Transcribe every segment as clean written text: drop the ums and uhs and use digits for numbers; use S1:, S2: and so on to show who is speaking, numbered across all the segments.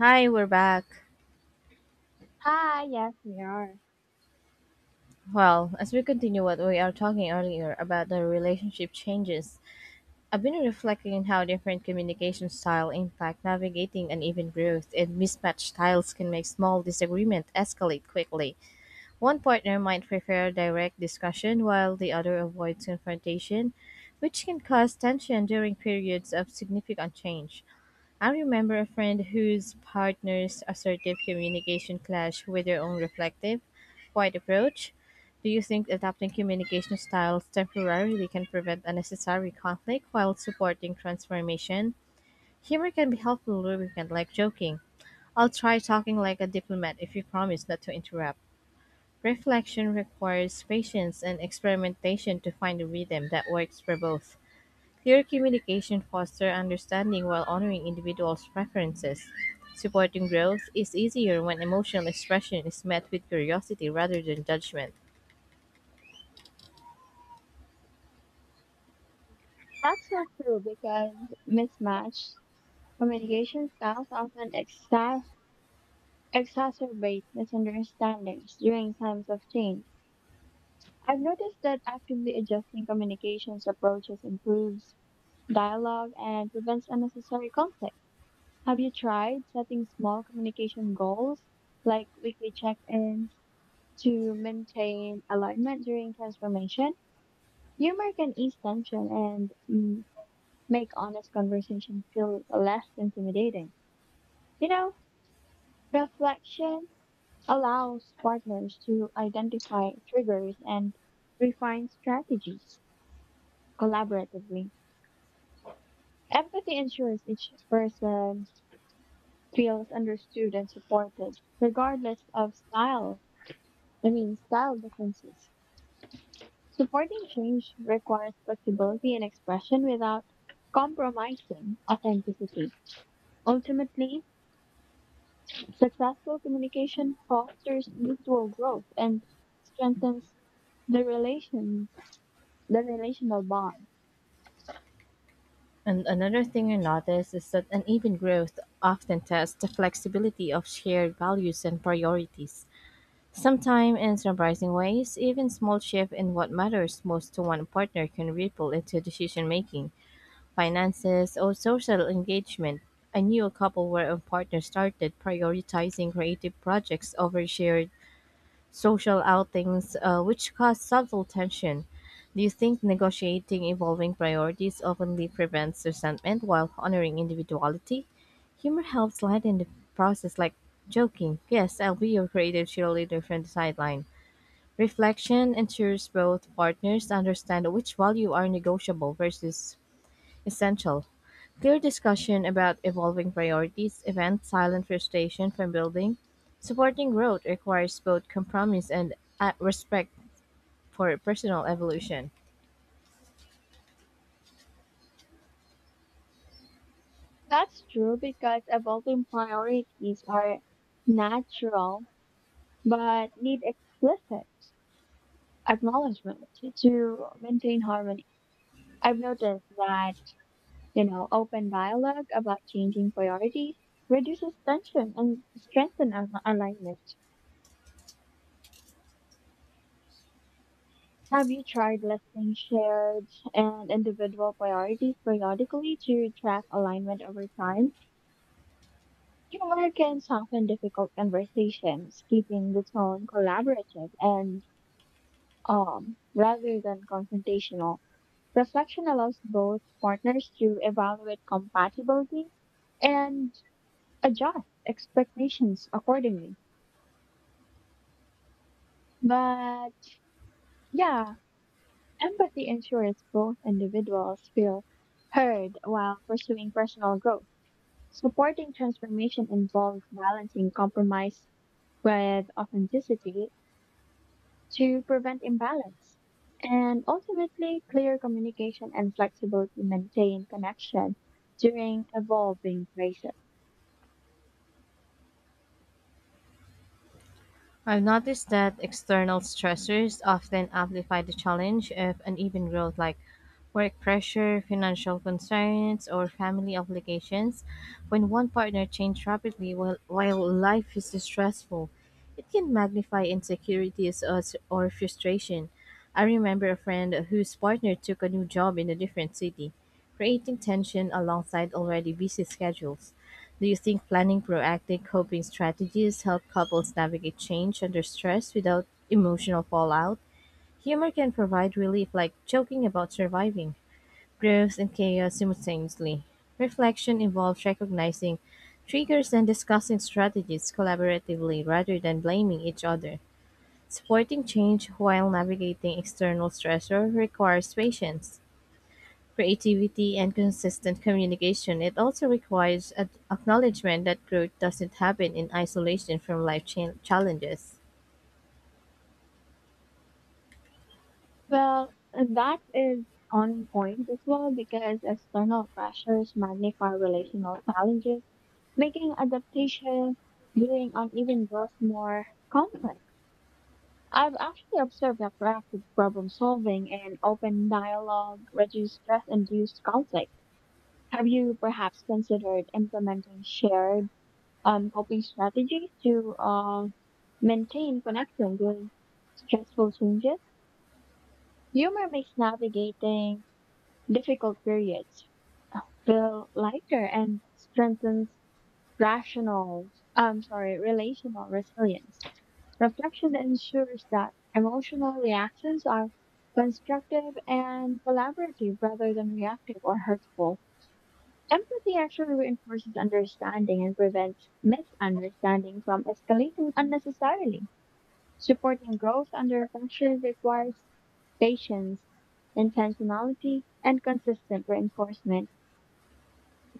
S1: Hi, we're back.
S2: Hi, yes, we are.
S1: Well, as we continue what we are talking earlier about the relationship changes, I've been reflecting on how different communication style impact navigating uneven growth and mismatched styles can make small disagreement escalate quickly. One partner might prefer direct discussion while the other avoids confrontation, which can cause tension during periods of significant change. I remember a friend whose partner's assertive communication clashed with their own reflective, quiet approach. Do you think adapting communication styles temporarily can prevent unnecessary conflict while supporting transformation? Humor can be helpful lubricant like joking. I'll try talking like a diplomat if you promise not to interrupt. Reflection requires patience and experimentation to find a rhythm that works for both. Clear communication fosters understanding while honoring individuals' preferences. Supporting growth is easier when emotional expression is met with curiosity rather than judgment.
S2: That's so true because mismatched communication styles often exacerbate misunderstandings during times of change. I've noticed that actively adjusting communications approaches improves dialogue and prevents unnecessary conflict. Have you tried setting small communication goals like weekly check ins to maintain alignment during transformation? Humor can ease tension and make honest conversation feel less intimidating. You know, Reflection allows partners to identify triggers and refine strategies collaboratively. Empathy ensures each person feels understood and supported, regardless of style differences. Supporting change requires flexibility and expression without compromising authenticity. Ultimately, successful communication fosters mutual growth and strengthens the relation the relational bond.
S1: And another thing I noticed is that uneven growth often tests the flexibility of shared values and priorities. Sometimes, in surprising ways, even small shift in what matters most to one partner can ripple into decision making, finances, or social engagement. I knew a couple where a partner started prioritizing creative projects over shared social outings, which caused subtle tension. Do you think negotiating evolving priorities openly prevents resentment while honoring individuality? Humor helps lighten the process, like joking, "Yes, I'll be your creative cheerleader from the sideline." Reflection ensures both partners understand which value are negotiable versus essential. Clear discussion about evolving priorities, event silent frustration from building. Supporting growth requires both compromise and respect for personal evolution.
S2: That's true because evolving priorities are natural but need explicit acknowledgement to maintain harmony. I've noticed that, open dialogue about changing priorities reduces tension and strengthens alignment. Have you tried listing shared and individual priorities periodically to track alignment over time? Humor can soften difficult conversations, keeping the tone collaborative and rather than confrontational. Reflection allows both partners to evaluate compatibility and adjust expectations accordingly. But yeah, empathy ensures both individuals feel heard while pursuing personal growth. Supporting transformation involves balancing compromise with authenticity to prevent imbalance. And ultimately, clear communication and flexibility maintain connection during evolving phases.
S1: I've noticed that external stressors often amplify the challenge of uneven growth, like work pressure, financial concerns, or family obligations. When one partner changes rapidly while life is stressful, it can magnify insecurities or frustration. I remember a friend whose partner took a new job in a different city, creating tension alongside already busy schedules. Do you think planning proactive coping strategies help couples navigate change under stress without emotional fallout? Humor can provide relief, like joking about surviving growth and chaos simultaneously. Reflection involves recognizing triggers and discussing strategies collaboratively rather than blaming each other. Supporting change while navigating external stressor requires patience, creativity, and consistent communication. It also requires an acknowledgement that growth doesn't happen in isolation from life challenges.
S2: Well, that is on point as well because external pressures magnify relational challenges, making adaptation during uneven growth more complex. I've actually observed that proactive problem solving and open dialogue reduce stress-induced conflict. Have you perhaps considered implementing shared coping strategies to maintain connection during stressful changes? Humor makes navigating difficult periods feel lighter and strengthens rational, relational resilience. Reflection ensures that emotional reactions are constructive and collaborative rather than reactive or hurtful. Empathy actually reinforces understanding and prevents misunderstanding from escalating unnecessarily. Supporting growth under pressure requires patience, intentionality, and consistent reinforcement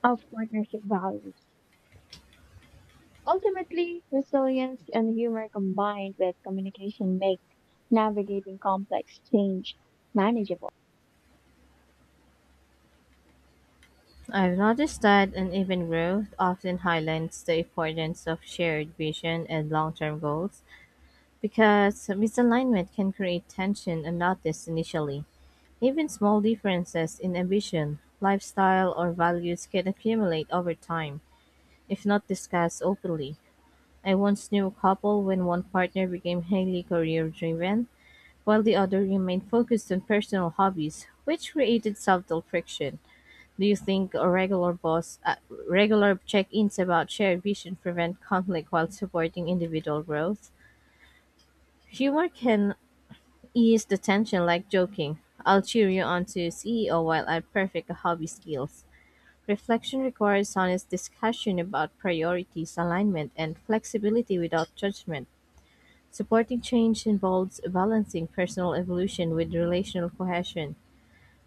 S2: of partnership values. Ultimately, resilience and humor combined with communication make navigating complex change manageable.
S1: I've noticed that uneven growth often highlights the importance of shared vision and long term goals because misalignment can create tension unnoticed initially. Even small differences in ambition, lifestyle, or values can accumulate over time if not discussed openly. I once knew a couple when one partner became highly career driven, while the other remained focused on personal hobbies, which created subtle friction. Do you think a regular check-ins about shared vision prevent conflict while supporting individual growth? Humor can ease the tension, like joking, "I'll cheer you on to CEO while I perfect hobby skills." Reflection requires honest discussion about priorities, alignment, and flexibility without judgment. Supporting change involves balancing personal evolution with relational cohesion.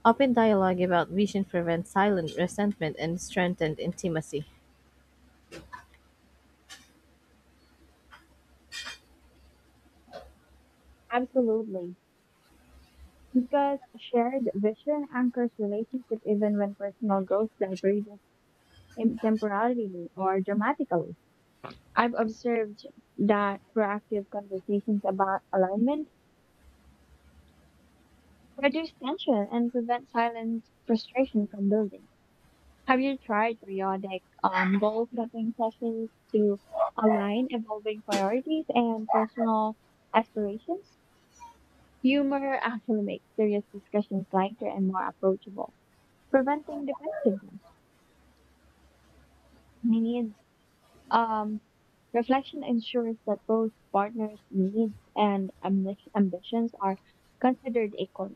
S1: Open dialogue about vision prevents silent resentment and strengthened intimacy.
S2: Absolutely. Because shared vision anchors relationships even when personal growth diverges temporarily or dramatically. I've observed that proactive conversations about alignment reduce tension and prevent silent frustration from building. Have you tried periodic goal setting sessions to align evolving priorities and personal aspirations? Humor actually makes serious discussions lighter and more approachable, preventing defensiveness. Needs um, Reflection ensures that both partners' needs and ambitions are considered equal.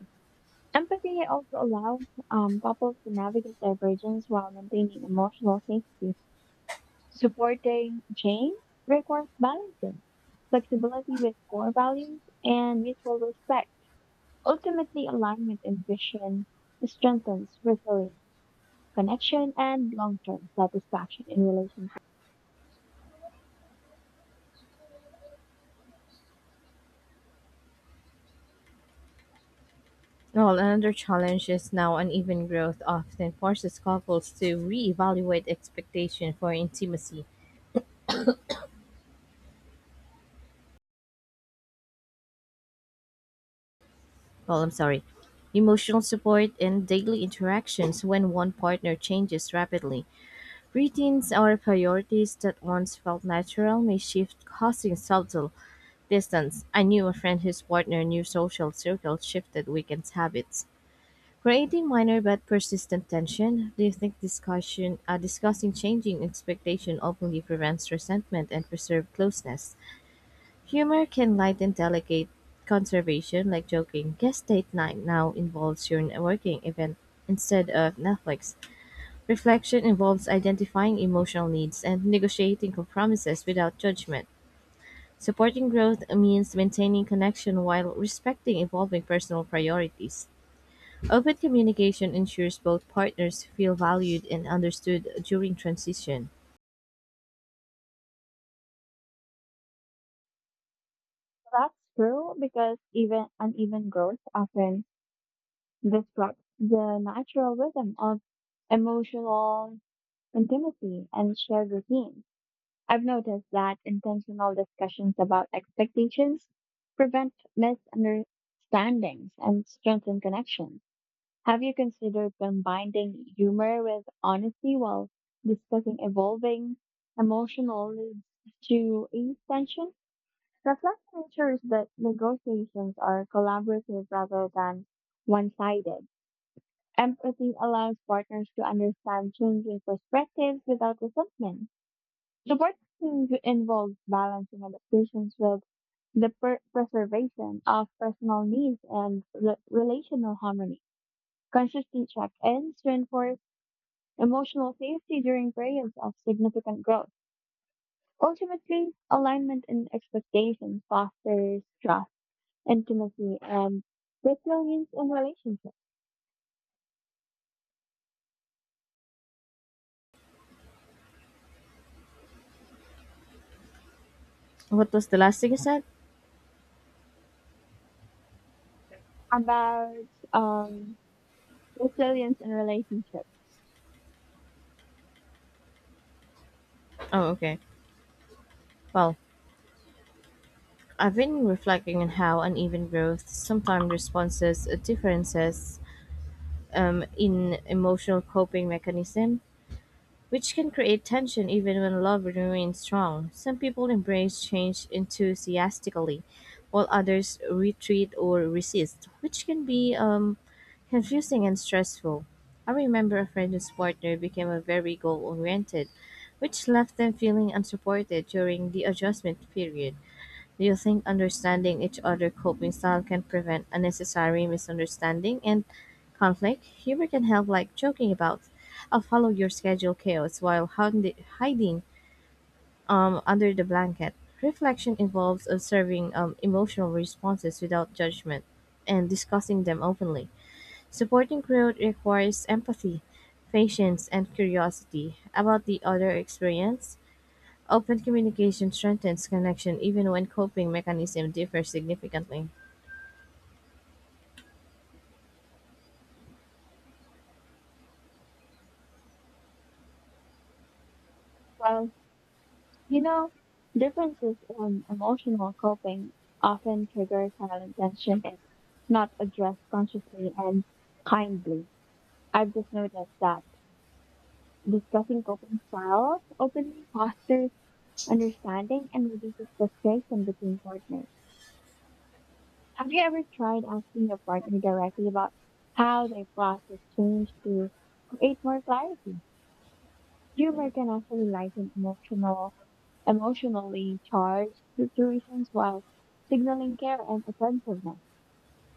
S2: Empathy also allows couples to navigate divergence while maintaining emotional safety. Supporting change requires balancing flexibility with core values and mutual respect. Ultimately, alignment and vision strengthens resilience, connection, and long-term satisfaction in relationships.
S1: While another challenge is now uneven growth often forces couples to reevaluate expectation for intimacy. Well, I'm sorry. Emotional support and daily interactions when one partner changes rapidly. Routines or priorities that once felt natural may shift, causing subtle distance. I knew a friend whose partner knew social circle shifted weekends habits, creating minor but persistent tension. Do you think discussion discussing changing expectation openly prevents resentment and preserve closeness? Humor can lighten delicate conservation, like joking, "Guest date night now involves your working event instead of Netflix." Reflection involves identifying emotional needs and negotiating compromises without judgment. Supporting growth means maintaining connection while respecting evolving personal priorities. Open communication ensures both partners feel valued and understood during transition.
S2: That's true because even uneven growth often disrupts the natural rhythm of emotional intimacy and shared routine. I've noticed that intentional discussions about expectations prevent misunderstandings and strengthen connections. Have you considered combining humor with honesty while discussing evolving emotional needs to ease tension? Reflection ensures that negotiations are collaborative rather than one-sided. Empathy allows partners to understand changing perspectives without resentment. The part involves balancing adaptations with the preservation of personal needs and relational harmony. Consistent check-ins reinforce emotional safety during periods of significant growth. Ultimately, alignment in expectations fosters trust, intimacy, and resilience in relationships.
S1: What was the last thing you said?
S2: About um, resilience in relationships.
S1: Oh, okay. Well, I've been reflecting on how uneven growth sometimes responses differences in emotional coping mechanism which can create tension even when love remains strong. Some people embrace change enthusiastically, while others retreat or resist, which can be confusing and stressful. I remember a friend whose partner became a very goal oriented, which left them feeling unsupported during the adjustment period. Do you think understanding each other' coping style can prevent unnecessary misunderstanding and conflict? Humor can help, like joking about, "I'll follow your schedule chaos while hiding under the blanket." Reflection involves observing emotional responses without judgment and discussing them openly. Supporting growth requires empathy, patience, and curiosity about the other experience. Open communication strengthens connection even when coping mechanisms differ significantly.
S2: Well, you know, differences in emotional coping often trigger silent tension if not addressed consciously and kindly. I've just noticed that discussing coping styles openly fosters understanding and reduces frustration between partners. Have you ever tried asking your partner directly about how they process change to create more clarity? Humor can actually lighten emotionally charged situations while signaling care and attentiveness.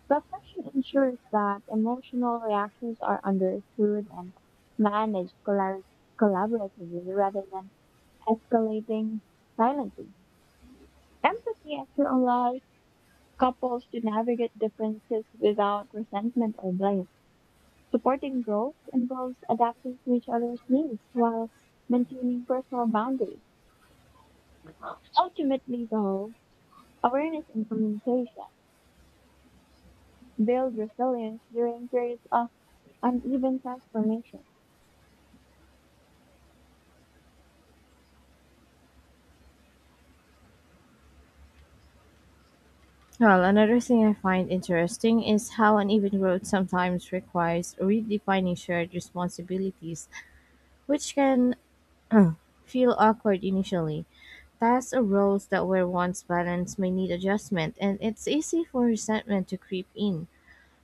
S2: Reflection ensures that emotional reactions are understood and managed collaboratively rather than escalating silently. Empathy actually allows couples to navigate differences without resentment or blame. Supporting growth involves adapting to each other's needs while maintaining personal boundaries. Ultimately, though, awareness and communication build resilience during periods of uneven transformation.
S1: Well, another thing I find interesting is how uneven growth sometimes requires redefining shared responsibilities, which can feel awkward initially. Tasks or roles that were once balanced may need adjustment, and it's easy for resentment to creep in.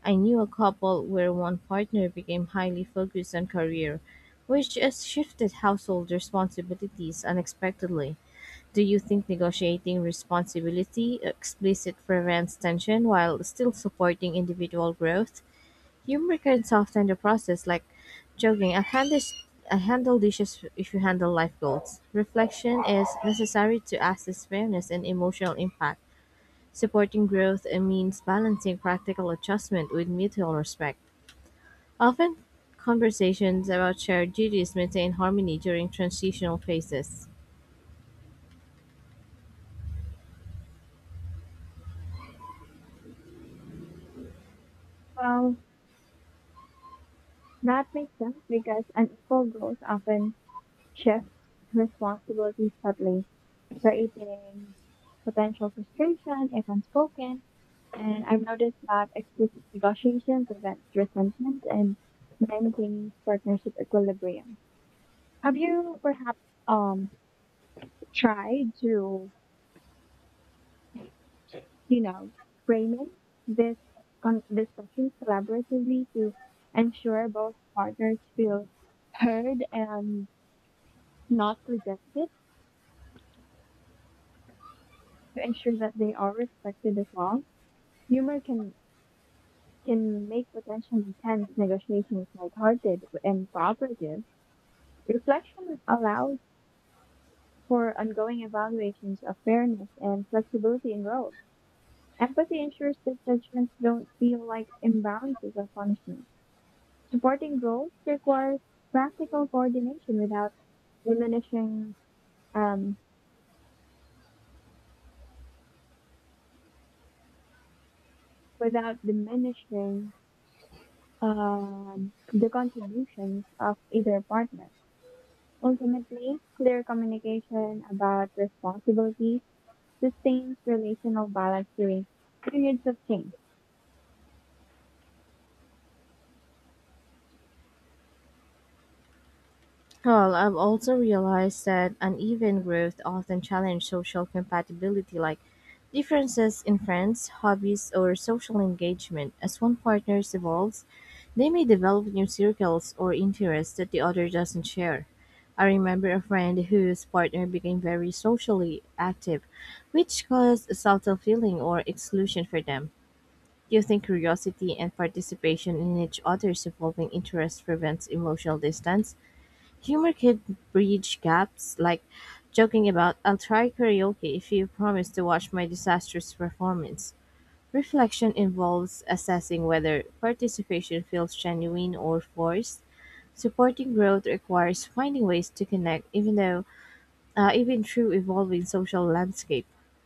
S1: I knew a couple where one partner became highly focused on career, which has shifted household responsibilities unexpectedly. Do you think negotiating responsibility explicit prevents tension while still supporting individual growth? Humor can soften the process, like joking, I handle dishes if you handle life goals." Reflection is necessary to assess fairness and emotional impact. Supporting growth means balancing practical adjustment with mutual respect. Often, conversations about shared duties maintain harmony during transitional phases.
S2: Well, that makes sense because unequal growth often shifts responsibility subtly, creating potential frustration if unspoken. And I've noticed that explicit negotiation prevents resentment and maintains partnership equilibrium. Have you perhaps um, tried to you know, framing this discussions collaboratively to ensure both partners feel heard and not rejected, to ensure that they are respected as well. Humor can make potentially tense negotiations lighthearted and cooperative. Reflection allows for ongoing evaluations of fairness and flexibility in roles. Empathy ensures that judgments don't feel like imbalances or punishment. Supporting roles requires practical coordination diminishing um, without diminishing the contributions of either partner. Ultimately, clear communication about responsibility sustains relational balance during periods of change.
S1: Well, I've also realized that uneven growth often challenges social compatibility, like differences in friends, hobbies, or social engagement. As one partner evolves, they may develop new circles or interests that the other doesn't share. I remember a friend whose partner became very socially active, which caused a subtle feeling or exclusion for them. Do you think curiosity and participation in each other's evolving interests prevents emotional distance? Humor can bridge gaps, like joking about, "I'll try karaoke if you promise to watch my disastrous performance." Reflection involves assessing whether participation feels genuine or forced. Supporting growth requires finding ways to connect, even through evolving social landscape.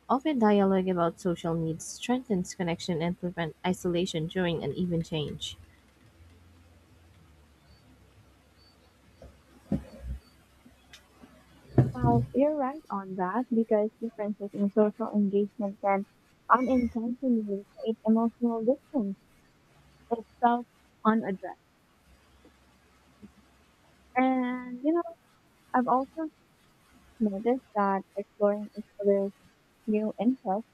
S1: Open dialogue about social needs strengthens connection and prevent isolation during uneven change.
S2: Well, you're right on that because differences in social engagement can unintentionally create emotional distance if felt unaddressed. And you know, I've also noticed that exploring each other's new interests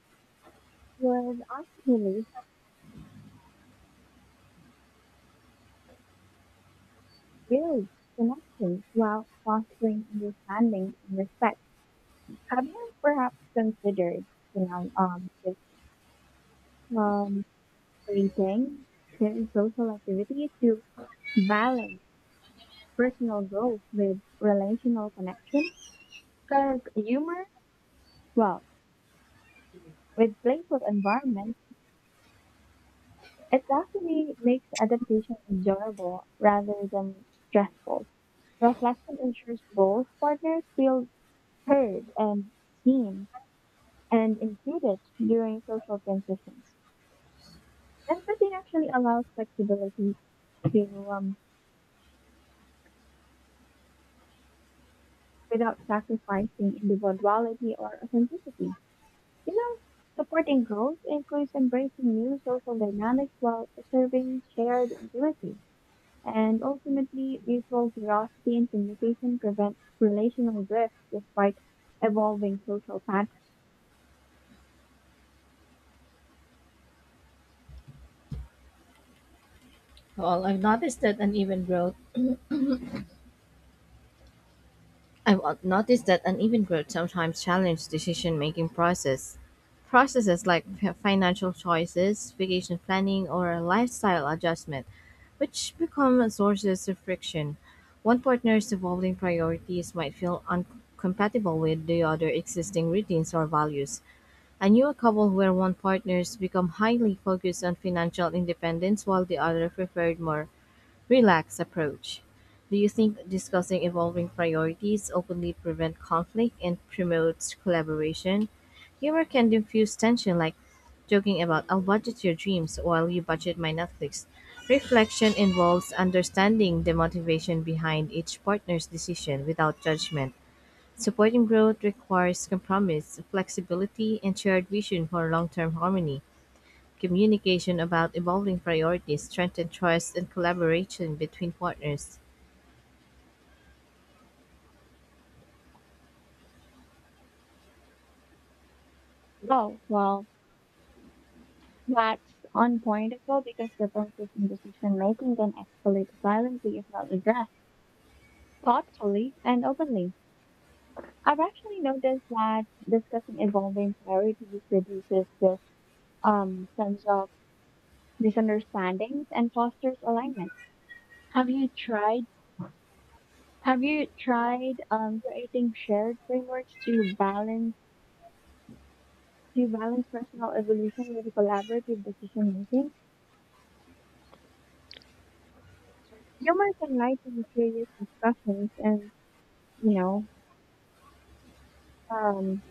S2: was actually build connections while fostering understanding and respect. Have you perhaps considered, you know, just um, creating shared social activity to balance personal growth with relational connections? Because humor, well, with playful environment, it actually makes adaptation enjoyable rather than stressful. Reflection ensures both partners feel heard and seen and included during social transitions. Empathy actually allows flexibility to without sacrificing individuality or authenticity. You know, supporting growth includes embracing new social dynamics while preserving shared intimacy. And ultimately, mutual curiosity and communication prevent relational drift despite evolving social patterns.
S1: Well, I've noticed that uneven growth I've al- noticed that uneven growth sometimes challenges decision-making process. Processes like financial choices, vacation planning, or lifestyle adjustment, which become sources of friction. One partner's evolving priorities might feel incompatible with the other existing routines or values. I knew a couple where one partner's become highly focused on financial independence while the other preferred more relaxed approach. Do you think discussing evolving priorities openly prevents conflict and promotes collaboration? Humor can diffuse tension like joking about, "I'll budget your dreams while you budget my Netflix." Reflection involves understanding the motivation behind each partner's decision without judgment. Supporting growth requires compromise, flexibility, and shared vision for long-term harmony. Communication about evolving priorities strengthen trust and collaboration between partners.
S2: Oh, well, that's on point as well because differences in decision making can escalate violently if not addressed thoughtfully and openly. I've actually noticed that discussing evolving priorities reduces this sense of misunderstandings and fosters alignment. Have you tried have you tried creating shared frameworks to balance personal evolution with collaborative decision making? Humor can lighten serious discussions and you know um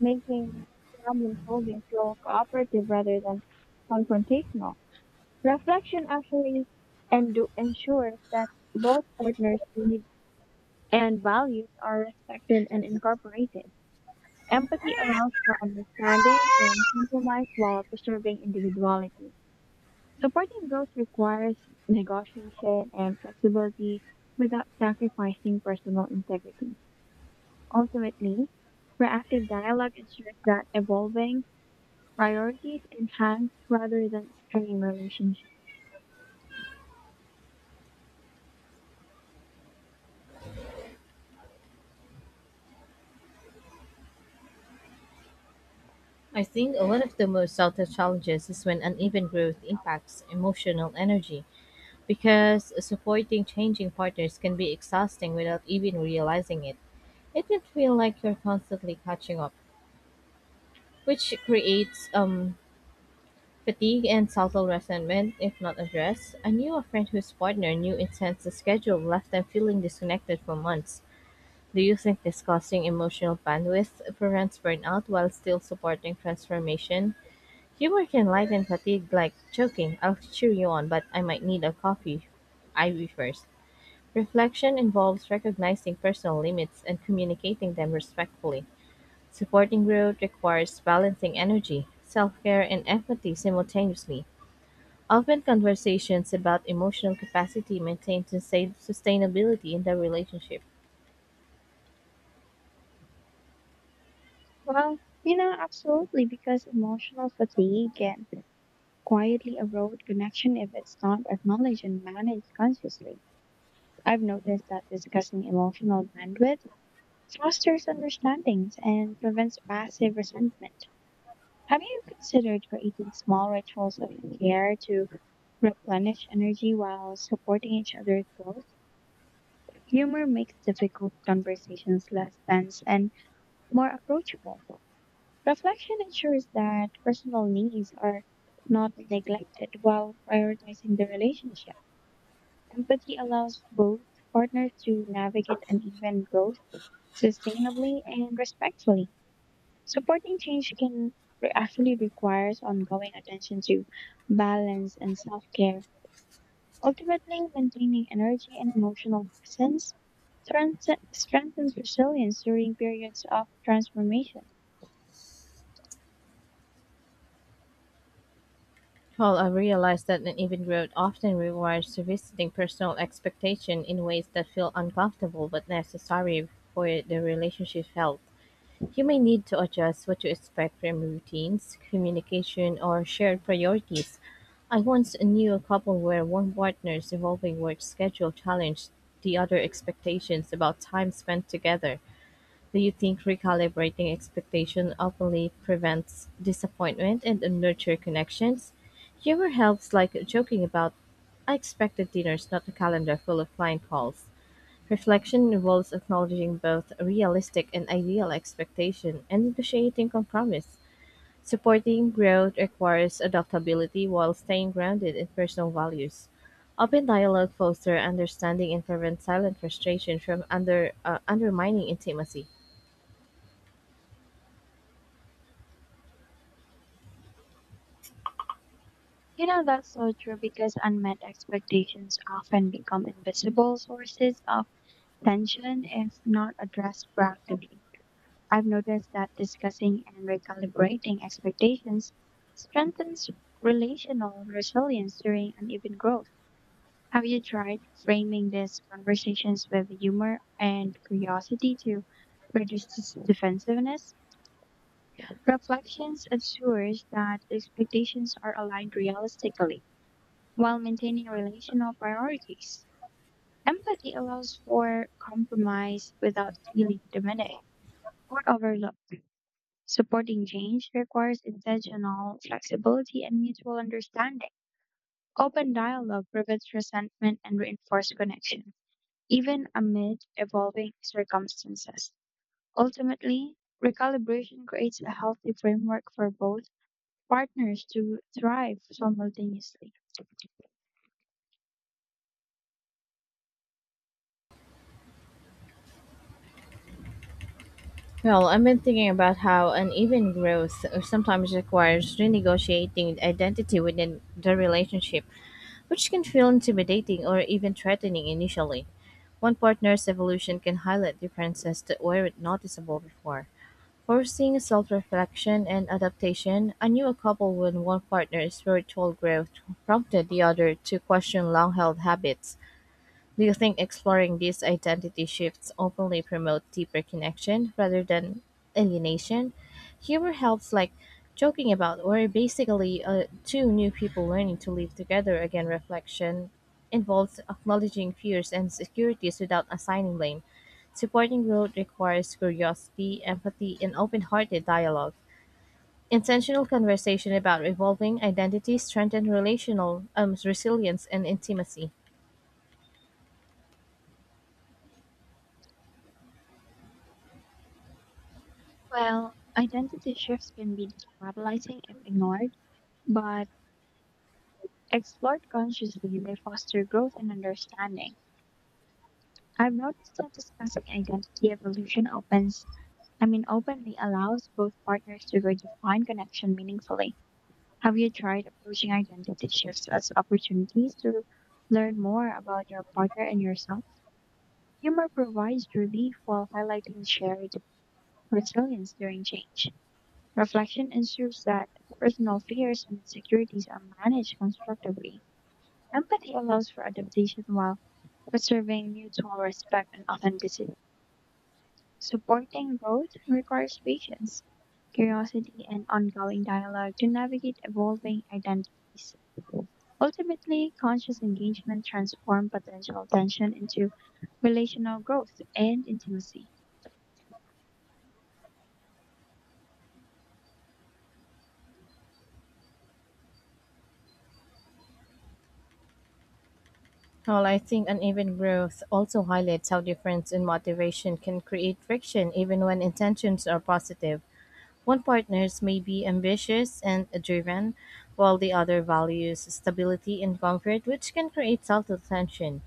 S2: making problem solving feel cooperative rather than confrontational. Reflection actually ensures that both partners' needs and values are respected and incorporated. Empathy allows for understanding and compromise while preserving individuality. Supporting growth requires negotiation and flexibility without sacrificing personal integrity. Ultimately, proactive dialogue ensures that evolving priorities enhance rather than strain relationships.
S1: I think one of the most subtle challenges is when uneven growth impacts emotional energy because supporting changing partners can be exhausting without even realizing it. It can feel like you're constantly catching up, which creates fatigue and subtle resentment if not addressed. I knew a friend whose partner knew intense schedule left them feeling disconnected for months. Do you think discussing emotional bandwidth prevents burnout while still supporting transformation? Humor can lighten fatigue like joking, "I'll cheer you on, but I might need a coffee. Ivy first." Reflection involves recognizing personal limits and communicating them respectfully. Supporting growth requires balancing energy, self care, and empathy simultaneously. Often, conversations about emotional capacity maintain sustainability in the relationship.
S2: Well, you know, absolutely, because emotional fatigue can quietly erode connection if it's not acknowledged and managed consciously. I've noticed that discussing emotional bandwidth fosters understandings and prevents passive resentment. Have you considered creating small rituals of care to replenish energy while supporting each other's growth? Humor makes difficult conversations less tense and more approachable. Reflection ensures that personal needs are not neglected while prioritizing the relationship. Empathy allows both partners to navigate uneven growth sustainably and respectfully. Supporting change actually requires ongoing attention to balance and self-care, ultimately maintaining energy and emotional presence strength- strengthens resilience during periods of transformation.
S1: However, I realized that an even growth often requires revisiting personal expectation in ways that feel uncomfortable but necessary for the relationship health. You may need to adjust what you expect from routines, communication, or shared priorities. I once knew a couple where one partner's evolving work schedule challenged the other expectations about time spent together. Do you think recalibrating expectations openly prevents disappointment and nurture connections? Humor helps, like joking about, "I expected dinners, not a calendar full of client calls." Reflection involves acknowledging both realistic and ideal expectation and negotiating compromise. Supporting growth requires adaptability while staying grounded in personal values. Open dialogue fosters understanding and prevents silent frustration from undermining intimacy.
S2: You know, that's so true because unmet expectations often become invisible sources of tension if not addressed proactively. I've noticed that discussing and recalibrating expectations strengthens relational resilience during uneven growth. Have you tried framing these conversations with humor and curiosity to reduce defensiveness? Reflections assures that expectations are aligned realistically while maintaining relational priorities. Empathy allows for compromise without feeling diminished or overlooked. Supporting change requires intentional flexibility and mutual understanding. Open dialogue prevents resentment and reinforces connection, even amid evolving circumstances. Ultimately, recalibration creates a healthy framework for both partners to thrive simultaneously.
S1: Well, I've been thinking about how uneven growth sometimes requires renegotiating identity within the relationship, which can feel intimidating or even threatening initially. One partner's evolution can highlight differences that weren't noticeable before, forcing self reflection and adaptation. I knew a couple when one partner's spiritual growth prompted the other to question long held habits. Do you think exploring these identity shifts openly promotes deeper connection rather than alienation? Humor helps, like joking about, "we're basically two new people learning to live together again." Reflection involves acknowledging fears and insecurities without assigning blame. Supporting growth requires curiosity, empathy, and open-hearted dialogue. Intentional conversation about evolving identity strengthen relational resilience and intimacy.
S2: Well, identity shifts can be destabilizing if ignored, but explored consciously, they foster growth and understanding. I've noticed that discussing identity evolution openly allows both partners to redefine connection meaningfully. Have you tried approaching identity shifts as opportunities to learn more about your partner and yourself? Humor provides relief while highlighting shared resilience during change. Reflection ensures that personal fears and insecurities are managed constructively. Empathy allows for adaptation while preserving mutual respect and authenticity. Supporting growth requires patience, curiosity, and ongoing dialogue to navigate evolving identities. Ultimately, conscious engagement transforms potential tension into relational growth and intimacy.
S1: Well, I think uneven growth also highlights how difference in motivation can create friction even when intentions are positive. One partner's may be ambitious and driven, while the other values stability and comfort, which can create subtle tension.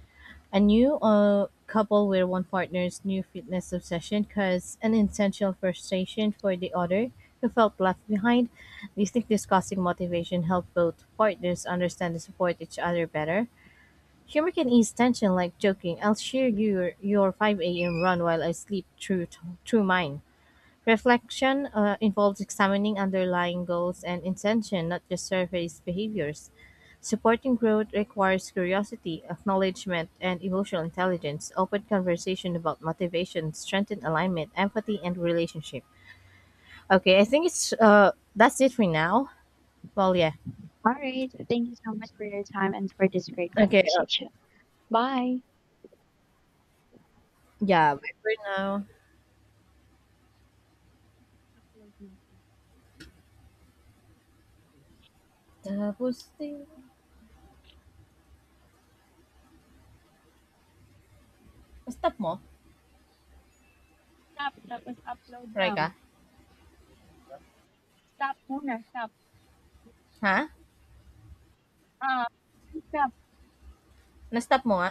S1: A new couple where one partner's new fitness obsession caused an intentional frustration for the other who felt left behind. Do you think discussing motivation helped both partners understand and support each other better? Humor can ease tension like joking, "I'll share your 5 a.m. run while I sleep through mine." Reflection involves examining underlying goals and intention, not just surface behaviors. Supporting growth requires curiosity, acknowledgement, and emotional intelligence. Open conversation about motivation, strengthen alignment, empathy, and relationship. Okay, I think it's that's it for now. Well, yeah.
S2: All right, thank you so much for your time and for this great
S1: Okay,
S2: conversation. Bye.
S1: yeah, bye for now.
S2: Absolutely.
S1: Tapos, stop mo.
S2: Stop, that was upload
S1: Try ka.
S2: now. Stop muna, stop.
S1: Ha?
S2: Ah, stop.
S1: Na-stop mo nga?